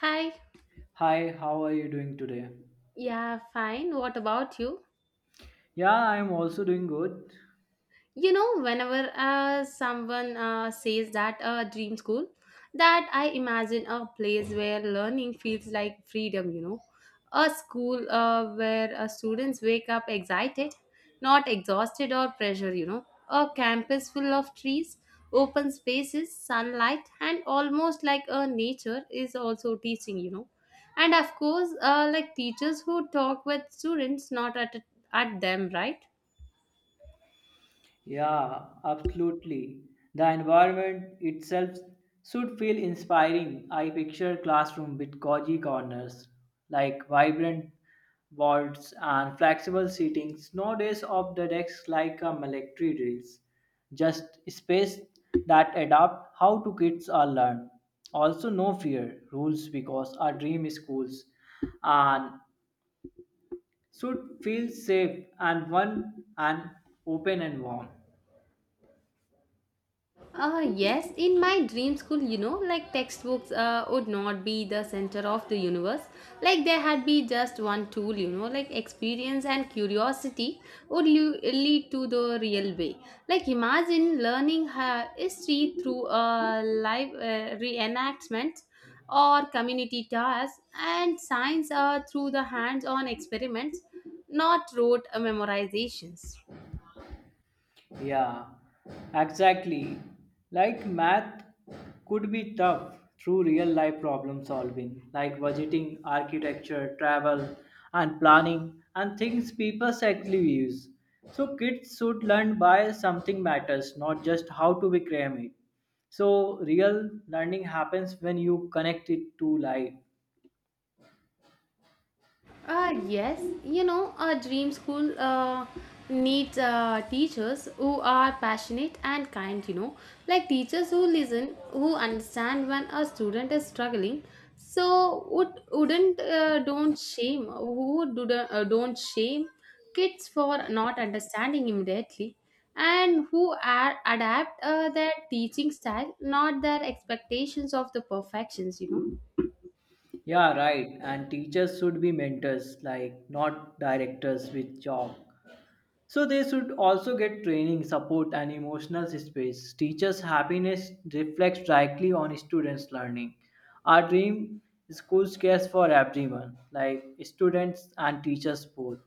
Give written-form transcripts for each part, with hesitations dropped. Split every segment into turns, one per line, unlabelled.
Hi.
Hi, how are you doing today?
Yeah, fine. What about you?
Yeah, I'm also doing good.
You know Whenever someone says that a dream school, that I imagine a place where learning feels like freedom, a school where students wake up excited, not exhausted or pressure, a campus full of trees, open spaces, sunlight, and almost like a nature is also teaching, and of course, like teachers who talk with students, not at them, right?
Yeah, absolutely. The environment itself should feel inspiring. I picture classroom with cozy corners, like vibrant boards and flexible seatings. No days of the desk like a military drills. Just space that adapt how to kids are learn. Also, no fear rules because our dream schools and should feel safe and one and open and warm.
Yes, in my dream school, like textbooks would not be the center of the universe. Like there had be just one tool, like experience and curiosity would lead to the real way. Like imagine learning history through a live reenactment or community tasks, and science through the hands-on experiments, not rote memorizations.
Yeah, exactly. Like math could be tough through real life problem solving, like budgeting, architecture, travel, and planning, and things people actually use. So kids should learn by something matters, not just how to become it. So real learning happens when you connect it to life.
Yes, a dream school needs teachers who are passionate and kind, like teachers who listen, who understand when a student is struggling. So, wouldn't don't shame, who do the, don't shame kids for not understanding immediately, and adapt their teaching style, not their expectations of the perfections,
Yeah, right. And teachers should be mentors, like not directors with job. So they should also get training, support, and emotional space. Teachers' happiness reflects directly on students' learning. Our dream schools cares for everyone, like students and teachers both.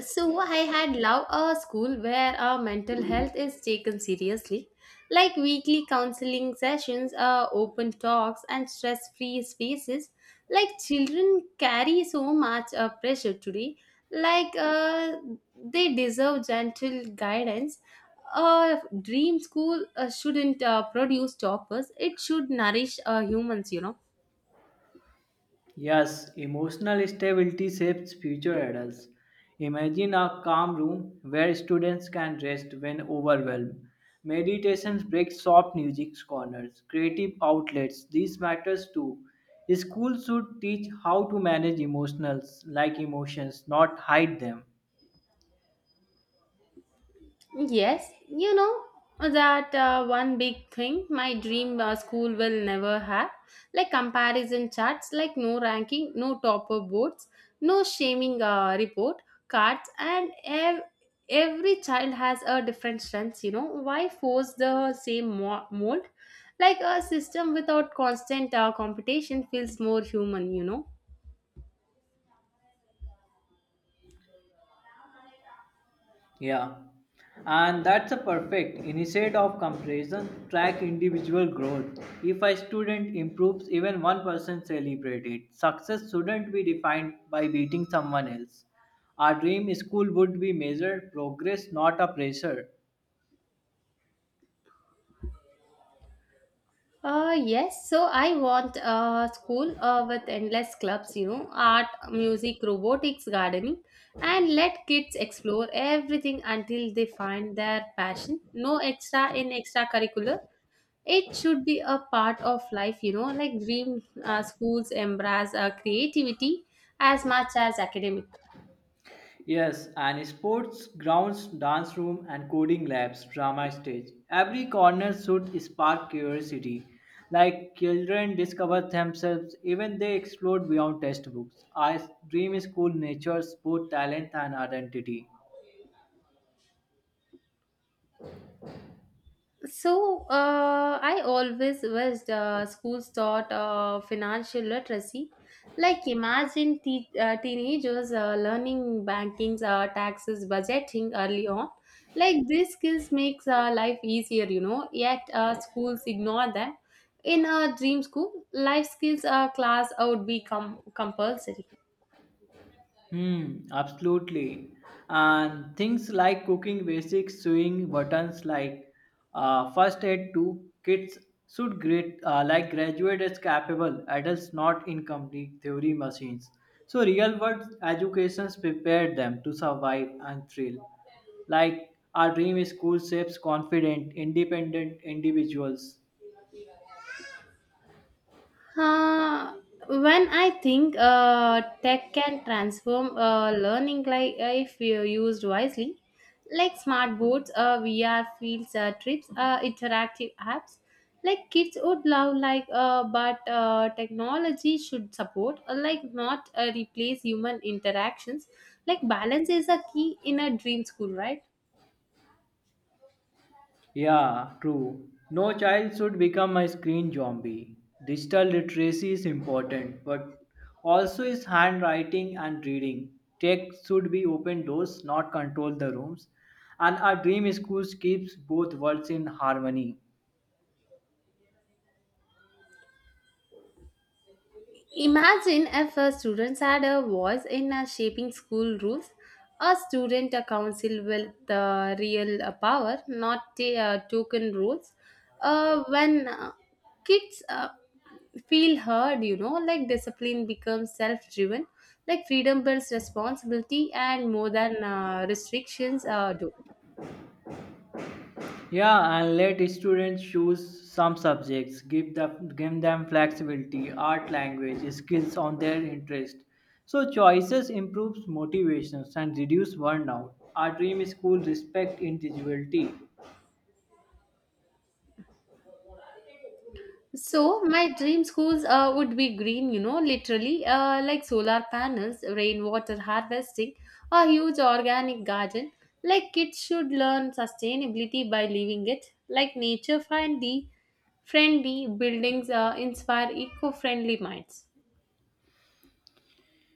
So I had loved a school where our mental health is taken seriously, like weekly counseling sessions, open talks, and stress-free spaces. Like children carry so much pressure today, like they deserve gentle guidance. A dream school shouldn't produce toppers; it should nourish humans.
Yes, emotional stability shapes future adults. Imagine a calm room where students can rest when overwhelmed. Meditations break soft music corners, creative outlets, these matters too. Schools should teach how to manage emotionals like emotions, not hide them.
Yes, you know that one big thing my dream school will never have, like comparison charts, like no ranking, no topper boards, no shaming report cards. And every child has a different strength. You know, why force the same mold? Like a system without constant competition feels more human,
Yeah, and that's a perfect instead of comparison. Track individual growth. If a student improves, even one person celebrate it. Success shouldn't be defined by beating someone else. Our dream school would be measured progress, not a pressure.
Yes, so I want a school with endless clubs, you know, art, music, robotics, gardening, and let kids explore everything until they find their passion. No extra in extracurricular. It should be a part of life, like dream schools embrace creativity as much as academic.
Yes, and sports grounds, dance room, and coding labs, drama stage. Every corner should spark curiosity. Like children discover themselves, even they explore beyond textbooks. I dream school nurtures both talent and identity.
So, I always wished schools taught financial literacy. Like, imagine teenagers learning banking, taxes, budgeting early on. Like, these skills makes life easier, Yet, schools ignore them. In a dream school, life skills class would be compulsory.
Hmm, absolutely. And things like cooking basics, sewing buttons like first aid to kids should grade like graduate as capable adults, not incomplete theory machines. So real world educations prepared them to survive and thrill. Like our dream school shapes confident, independent individuals.
Uh, when I think tech can transform learning, like if you used wisely, like smart boards, VR fields, trips, interactive apps, like kids would love. But technology should support, like not replace human interactions. Like balance is a key in a dream school, right?
Yeah, true. No child should become a screen zombie. Digital literacy is important, but also is handwriting and reading. Tech should be open doors, not control the rooms. And our dream schools keeps both worlds in harmony.
Imagine if a students had a voice in shaping school rules, a student a council with the real power, not the token rules. When kids feel heard, like discipline becomes self-driven, like freedom builds responsibility and more than restrictions do.
Yeah, and let students choose some subjects. Give them flexibility, art, language, skills on their interest. So choices improves motivations and reduce burnout. Our dream school respect individuality.
So my dream schools would be green, literally, like solar panels, rainwater harvesting, a huge organic garden. Like kids should learn sustainability by living it. Like nature friendly buildings inspire eco-friendly minds.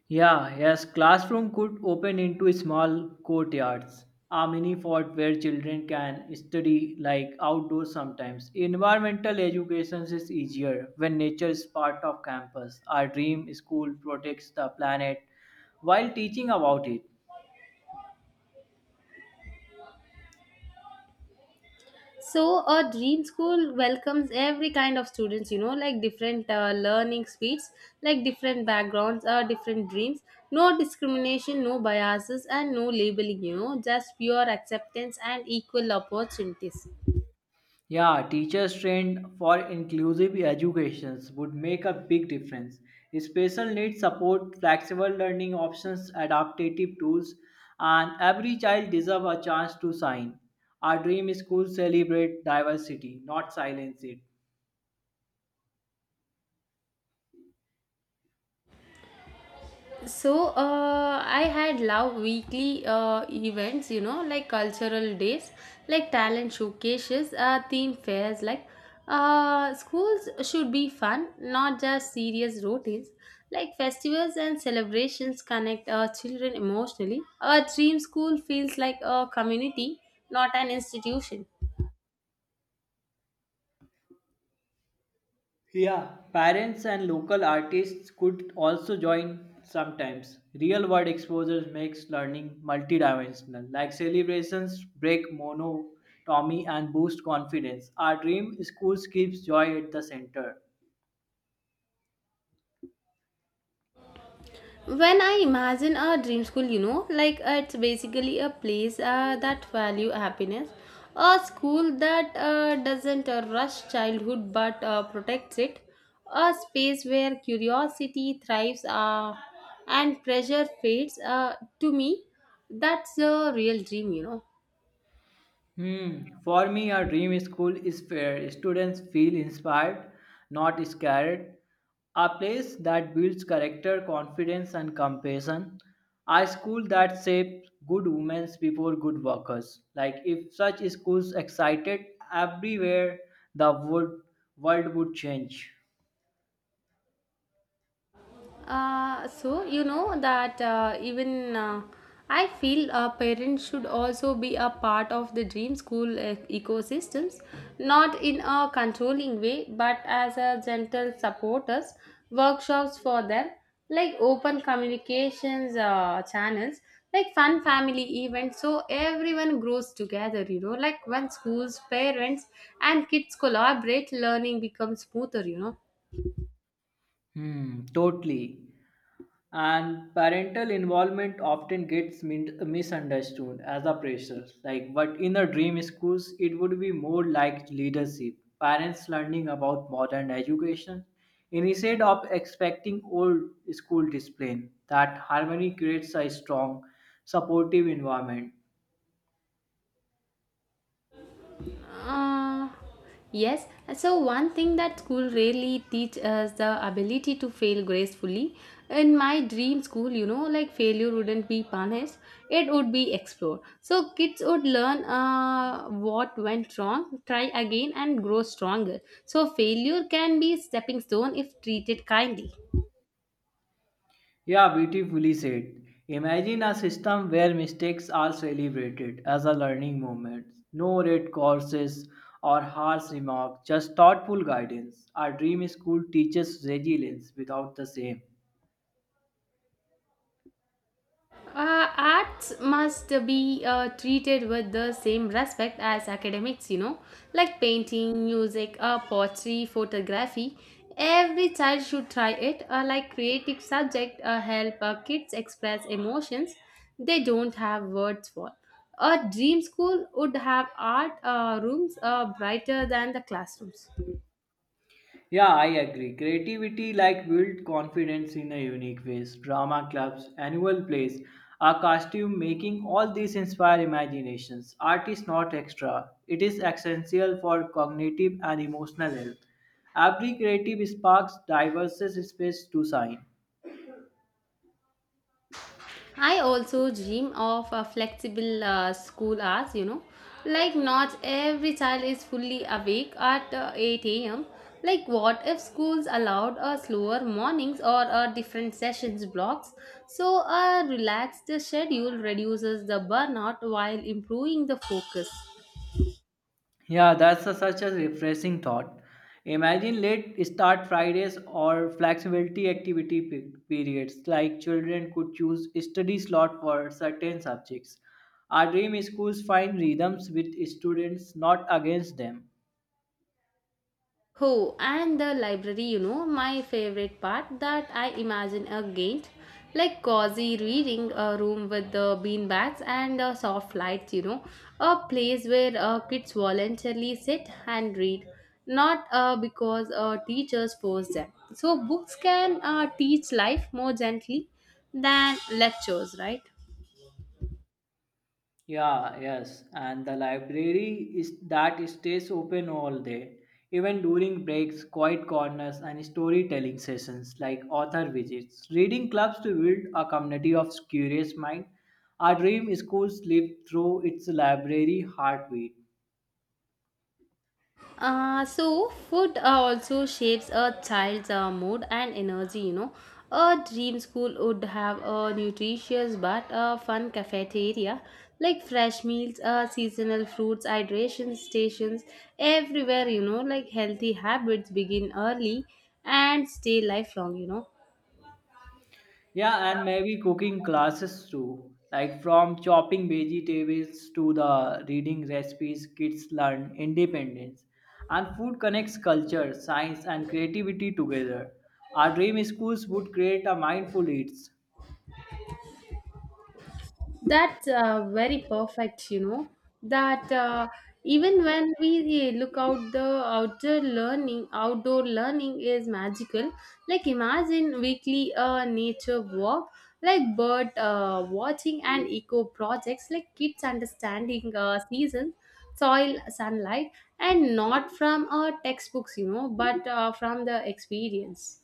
Yeah, yes, classroom could open into small courtyards, a mini fort where children can study like outdoors sometimes. Environmental education is easier when nature is part of campus. Our dream school protects the planet while teaching about it.
So a dream school welcomes every kind of students, like different learning speeds, like different backgrounds, or different dreams. No discrimination, no biases, and no labeling, just pure acceptance and equal opportunities.
Yeah, teachers trained for inclusive educations would make a big difference. Special needs support, flexible learning options, adaptive tools, and every child deserves a chance to shine. Our dream school celebrate diversity, not silence it.
So I had love weekly events, like cultural days, like talent showcases, theme fairs. Like schools should be fun, not just serious routines. Like festivals and celebrations connect children emotionally. A dream school feels like a community, not an institution.
Yeah, parents and local artists could also join sometimes. Real world exposure makes learning multidimensional, like celebrations break monotony and boost confidence. Our dream schools keeps joy at the center.
When I imagine a dream school, like it's basically a place that value happiness. A school that doesn't rush childhood, but protects it. A space where curiosity thrives, and pressure fades. To me, that's a real dream,
Hmm. For me, a dream school is where students feel inspired, not scared. A place that builds character, confidence, and compassion. A school that shapes good women before good workers. Like if such schools excited everywhere, the world would change.
So you know that even I feel parents should also be a part of the dream school ecosystems, not in a controlling way, but as a gentle supporters, workshops for them, like open communications channels, like fun family events, so everyone grows together. Like when schools, parents, and kids collaborate, learning becomes smoother.
Hmm. Totally. And parental involvement often gets misunderstood as a pressure, like but in a dream schools it would be more like leadership. Parents learning about modern education instead of expecting old school discipline, that harmony creates a strong supportive environment.
Uh, yes. So one thing that school really teach us the ability to fail gracefully. In my dream school, like failure wouldn't be punished; it would be explored. So kids would learn what went wrong, try again, and grow stronger. So failure can be stepping stone if treated kindly.
Yeah, beautifully said. Imagine a system where mistakes are celebrated as a learning moment. No red courses or harsh remarks, just thoughtful guidance. Our dream school teaches resilience without the same.
Arts must be treated with the same respect as academics, like painting, music, poetry, photography. Every child should try it. Like creative subject help kids express emotions they don't have words for. A dream school would have art rooms brighter than the classrooms.
Yeah, I agree. Creativity like build confidence in a unique ways. Drama clubs, annual plays, our costume making, all these inspire imaginations. Art is not extra. It is essential for cognitive and emotional health. Every creative sparks diverse space to shine.
I also dream of a flexible school hours, Like, not every child is fully awake at 8 am. Like, what if schools allowed a slower mornings or a different sessions blocks? So, a relaxed schedule reduces the burnout while improving the focus.
Yeah, that's such a refreshing thought. Imagine late start Fridays or flexibility activity periods, like children could choose study slot for certain subjects. Our dream schools find rhythms with students, not against them.
Oh, and the library, my favorite part that I imagine a gate, like cozy reading a room with the bean bags and soft lights, a place where kids voluntarily sit and read, not because teachers force them. So books can teach life more gently than lectures, right?
Yeah, yes. And the library is that stays open all day, even during breaks, quiet corners, and storytelling sessions like author visits. Reading clubs to build a community of curious mind. Our dream schools live through its library heartbeat.
So food also shapes a child's mood and energy, a dream school would have a nutritious but a fun cafeteria, like fresh meals, seasonal fruits, hydration stations everywhere, like healthy habits begin early and stay lifelong,
Yeah, and maybe cooking classes too. Like from chopping vegetables to the reading recipes, kids learn independence. And food connects culture, science, and creativity together. Our dream schools would create a mindful eats.
That's very perfect, that even when we look out the outdoor learning is magical. Like imagine weekly nature walk, like bird watching and eco projects, like kids understanding seasons, soil, sunlight, and not from textbooks, but from the experience.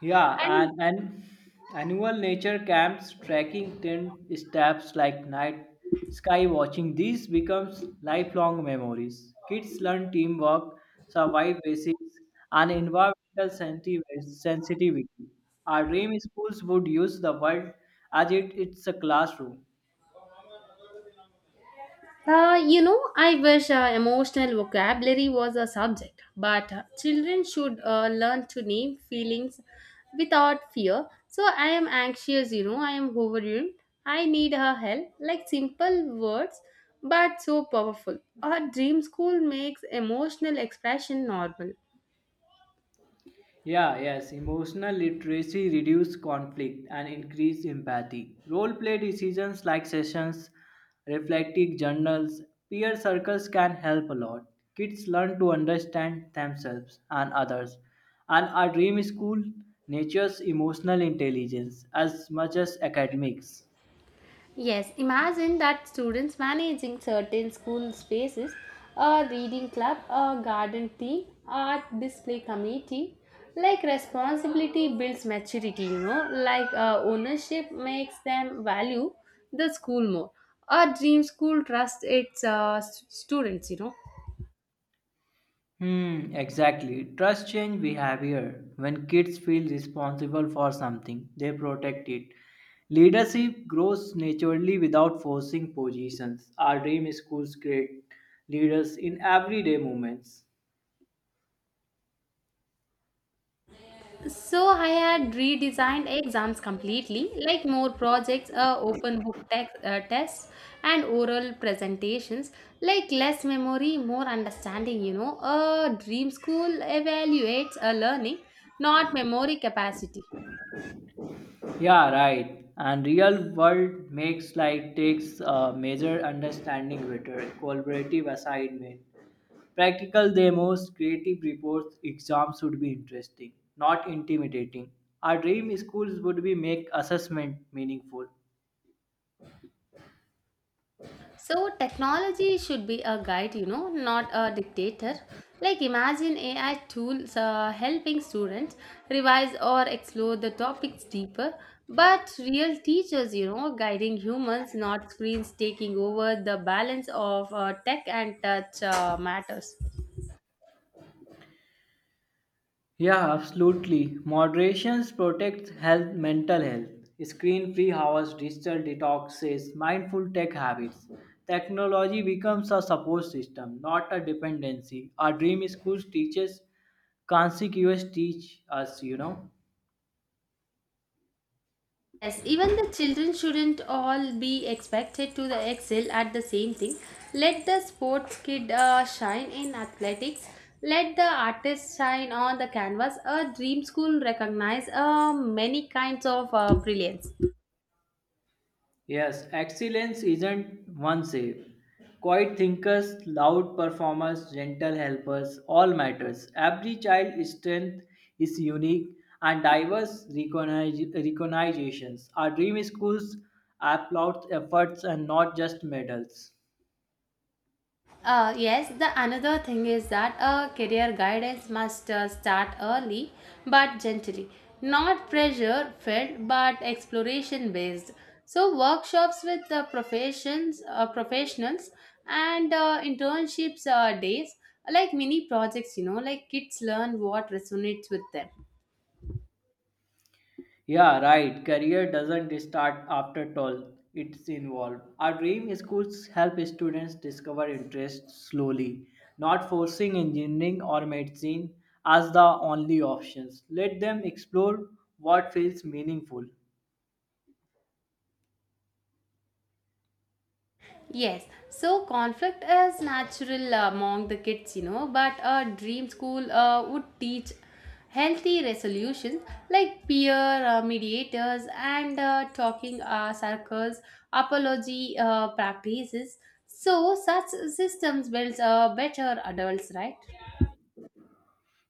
Yeah, and annual nature camps, trekking tent steps like night sky watching, these becomes lifelong memories. Kids learn teamwork, survive basics, and environmental sensitivity. Our dream schools would use the world as it's a classroom.
I wish emotional vocabulary was a subject, but children should learn to name feelings without fear. So I am anxious, I am overwhelmed. I need her help, like simple words, but so powerful. A dream school makes emotional expression normal.
Yeah, yes. Emotional literacy reduce conflict and increase empathy. Role play decisions like sessions, reflective journals, peer circles can help a lot. Kids learn to understand themselves and others. And our dream school nurtures emotional intelligence as much as academics.
Yes, imagine that students managing certain school spaces, a reading club, a garden team, art display committee. Like responsibility builds maturity, like ownership makes them value the school more. A dream school trusts its students,
Hmm, exactly. Trust change behavior. When kids feel responsible for something, they protect it. Leadership grows naturally without forcing positions. Our dream schools create leaders in everyday moments.
So I had redesigned exams completely, like more projects, open book text, tests, and oral presentations, like less memory, more understanding. A dream school evaluates a learning, not memory capacity.
Yeah, right. And real world makes like takes major understanding better, collaborative assignment, practical demos, creative reports. Exams should be interesting, not intimidating. Our dream schools would be make assessment meaningful.
So technology should be a guide, not a dictator. Like imagine AI tools helping students revise or explore the topics deeper, but real teachers, guiding humans, not screens taking over the balance of tech and touch matters.
Yeah, absolutely. Moderation protects health, mental health, screen-free hours, digital detoxes, mindful tech habits. Technology becomes a support system, not a dependency. Our dream schools teaches consequence teach us.
Yes, even the children shouldn't all be expected to the excel at the same thing. Let the sports kid shine in athletics. Let the artist shine on the canvas. A dream school recognize many kinds of brilliance.
Yes, excellence isn't one shape. Quiet thinkers, loud performers, gentle helpers, all matters. Every child's strength is unique and diverse recognitions. Our dream schools applaud efforts and not just medals.
Yes, the another thing is that a career guidance must start early but gently, not pressure filled but exploration based. So workshops with the professionals, and internships days are like mini projects. Like kids learn what resonates with them.
Yeah, right. Career doesn't start after 12. It's involved. Our dream schools help students discover interests slowly, not forcing engineering or medicine as the only options. Let them explore what feels meaningful.
Yes, so conflict is natural among the kids, but a dream school would teach healthy resolutions, like peer mediators and talking circles, apology practices. So such systems builds better adults, right?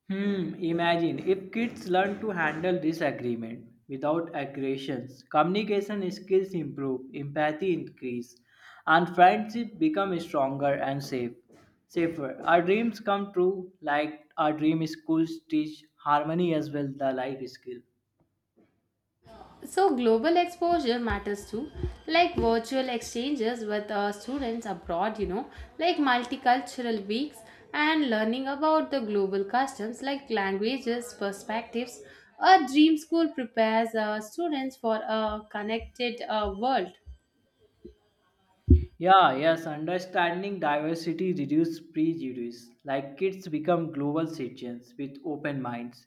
Hmm, imagine if kids learn to handle disagreement without aggressions, communication skills improve, empathy increase, and friendship become stronger and safe. Safer. Our dreams come true, like our dream schools teach harmony as well the life skill.
So, global exposure matters too, like virtual exchanges with students abroad, like multicultural weeks and learning about the global customs, like languages, perspectives. A dream school prepares students for a connected world.
Yeah, yes, understanding diversity reduces prejudice. Like kids become global citizens with open minds.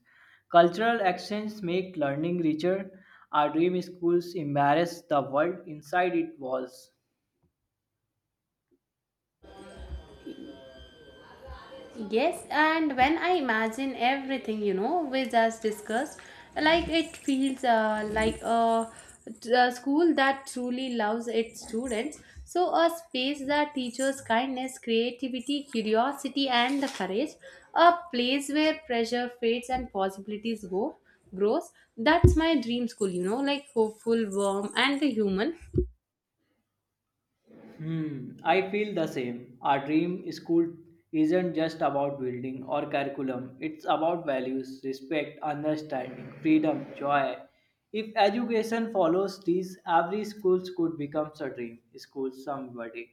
Cultural exchange make learning richer. Our dream schools embarrass the world inside its walls.
Yes, and when I imagine everything, we just discussed, like it feels like a school that truly loves its students. So, a space that teaches kindness, creativity, curiosity, and the courage. A place where pressure fades and possibilities go grows. That's my dream school, like hopeful, warm, and the human.
Hmm, I feel the same. Our dream school isn't just about building or curriculum. It's about values, respect, understanding, freedom, joy. If education follows these, every school could become a dream school someday.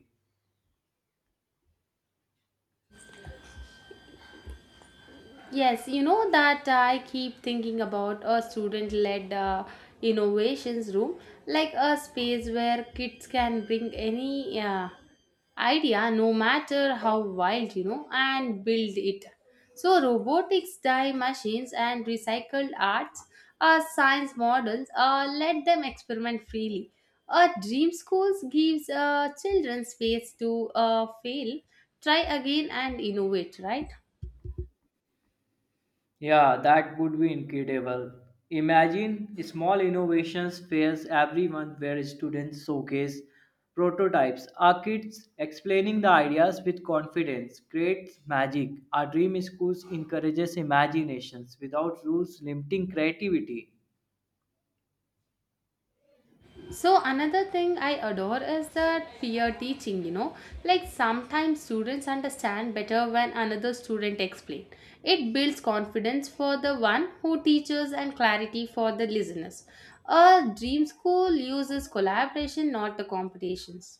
Yes, you know that I keep thinking about a student led innovations room, like a space where kids can bring any idea, no matter how wild, and build it. So, robotics, dye machines, and recycled arts are science models. Let them experiment freely. A dream schools gives children space to fail, try again, and innovate, right?
Yeah, that would be incredible. Imagine small innovations fairs every month where students showcase prototypes. Our kids explaining the ideas with confidence creates magic. Our dream schools encourages imaginations without rules limiting creativity.
So another thing I adore is that peer teaching, you know, like sometimes students understand better when another student explain. It builds confidence for the one who teaches and clarity for the listeners. A dream school uses collaboration, not the competitions.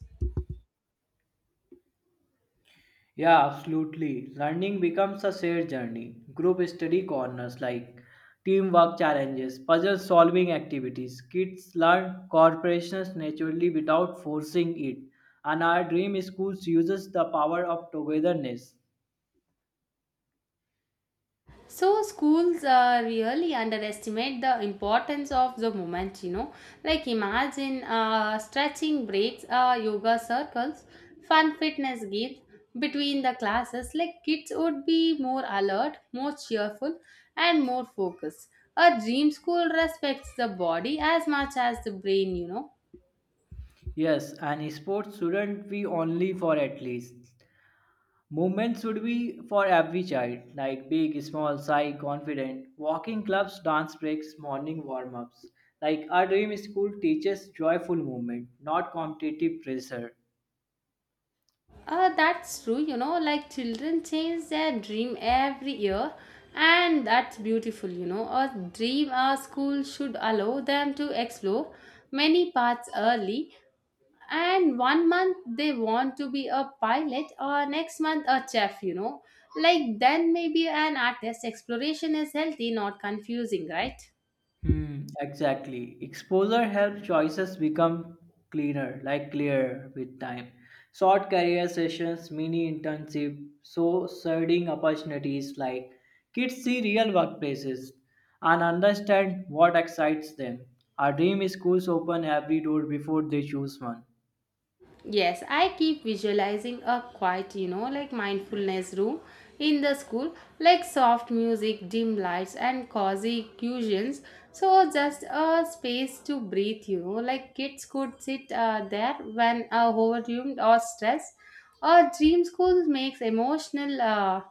Yeah, absolutely. Learning becomes a shared journey. Group study corners like teamwork challenges, puzzle solving activities. Kids learn cooperation naturally without forcing it. And our dream schools uses the power of togetherness.
So schools really underestimate the importance of the moment, you know. Like imagine stretching breaks, yoga circles, fun fitness games between the classes. Like kids would be more alert, more cheerful, and more focused. A dream school respects the body as much as the brain, you know.
Yes, and sports shouldn't be only for athletes. Movement should be for every child, like big, small, shy, confident. Walking clubs, dance breaks, morning warm ups. Like our dream school teaches joyful movement, not competitive pressure.
That's true, you know, like children change their dream every year, and that's beautiful, you know. A dream a school should allow them to explore many paths early, and one month they want to be a pilot, or next month a chef, you know. Like, then maybe an artist exploration is healthy, not confusing, right?
Hmm, exactly. Exposure helps choices become cleaner, like clearer with time. Short career sessions, mini internship, so studying opportunities like kids see real workplaces and understand what excites them. Our dream schools open every door before they choose one.
Yes, I keep visualizing a quiet, you know, like mindfulness room in the school, like soft music, dim lights, and cozy cushions. So, just a space to breathe, you know, like kids could sit there when overwhelmed or stressed. Or dream school makes emotional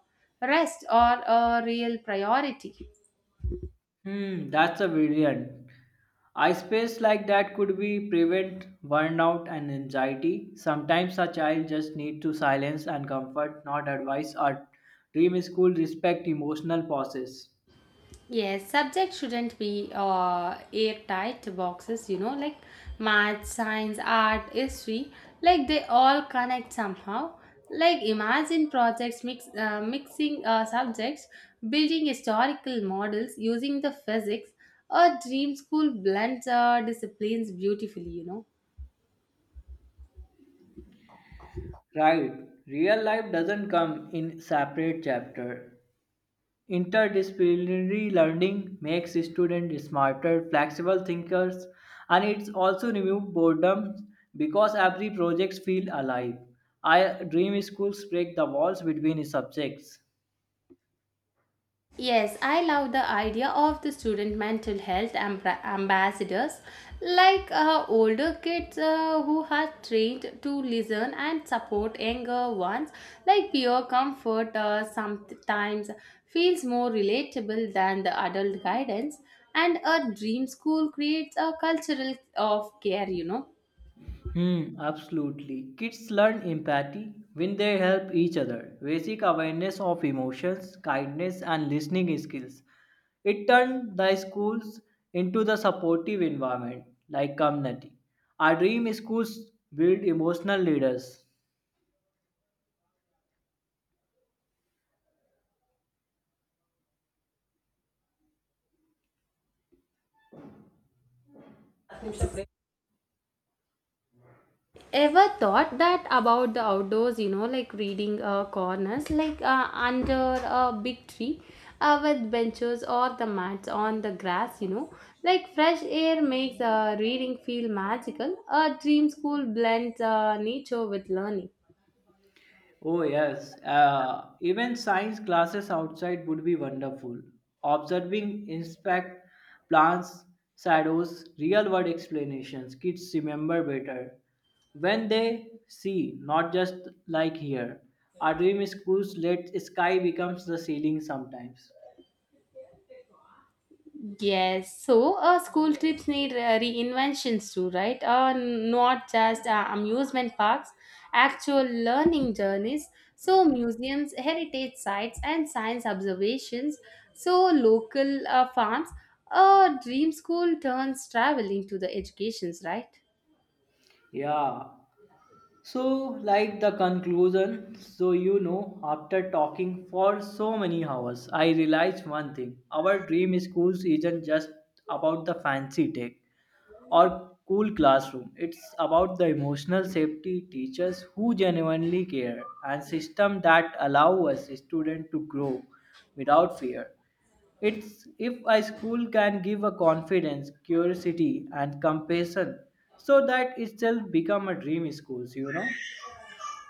rest or a real priority.
Hmm, that's a brilliant. A space like that could be prevent burnout and anxiety. Sometimes a child just needs to silence and comfort, not advice or dream school respect emotional process.
Yes, subjects shouldn't be airtight boxes, you know, like math, science, art, history, like they all connect somehow. Like imagine projects mixing subjects, building historical models using the physics, a dream school blends disciplines beautifully, you know.
Right. Real life doesn't come in separate chapter. Interdisciplinary learning makes students smarter, flexible thinkers, and it's also remove boredom because every project feel alive. I dream schools break the walls between subjects.
Yes, I love the idea of the student mental health ambassadors, like older kids who are trained to listen and support younger ones. Like peer comfort sometimes feels more relatable than the adult guidance, and a dream school creates a cultural of care, you know.
Hmm, absolutely. Kids learn empathy when they help each other. Basic awareness of emotions, kindness, and listening skills. It turned the schools into the supportive environment like community. Our dream schools build emotional leaders.
Ever thought that about the outdoors, you know, like reading corners like under a big tree with benches or the mats on the grass, you know, like fresh air makes reading feel magical. A dream school blends nature with learning.
Oh, yes. Even science classes outside would be wonderful. Observing, inspect plants, shadows, real world explanations. Kids remember better when they see, not just like here. Our dream schools let sky becomes the ceiling sometimes.
Yes, so school trips need reinventions too, right? Not just amusement parks, actual learning journeys. So, museums, heritage sites, and science observations. So, local farms. A dream school turns traveling to the educations, right?
Yeah, so, like the conclusion, so after talking for so many hours, I realized one thing our dream schools isn't just about the fancy tech or cool classroom, it's about the emotional safety, teachers who genuinely care, and system that allow us students to grow without fear. It's if a school can give a confidence, curiosity, and compassion, so that itself become a dream schools.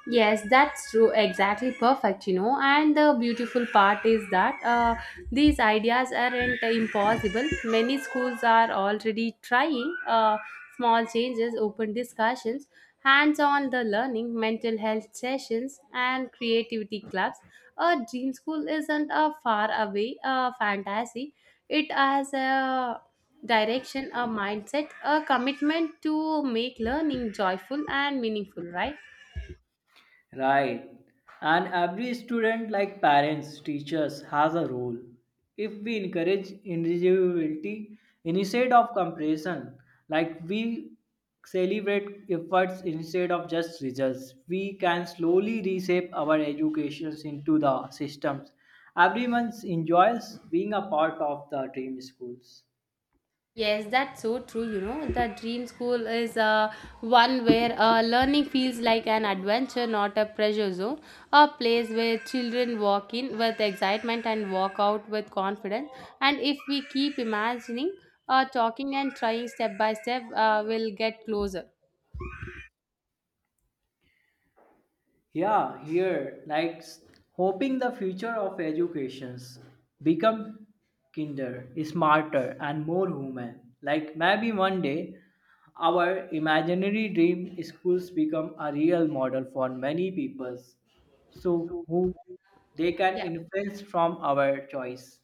Yes, that's true. Exactly perfect, you know. And the beautiful part is that these ideas aren't impossible. Many schools are already trying small changes, open discussions, hands on the learning, mental health sessions, and creativity clubs. A dream school isn't a far away fantasy, it has a direction, a mindset, a commitment to make learning joyful and meaningful, right?
Right. And every student, like parents, teachers, has a role. If we encourage individuality instead of comparison, like we celebrate efforts instead of just results, we can slowly reshape our educations into the systems. Everyone enjoys being a part of the dream schools.
Yes, that's so true. You know, the dream school is one where learning feels like an adventure, not a pressure zone. A place where children walk in with excitement and walk out with confidence. And if we keep imagining, talking and trying step by step, we'll get closer.
Yeah, here, like hoping the future of educations become kinder, smarter, and more human. Like maybe one day, our imaginary dream schools become a real model for many peoples. So who they can
Yeah.
influence from our choice.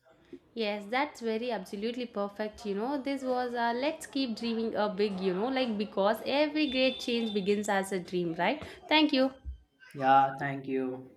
Yes, that's very absolutely perfect. You know, this was let's keep dreaming a big, you know, like because every great change begins as a dream, right? Thank you.
Yeah, thank you.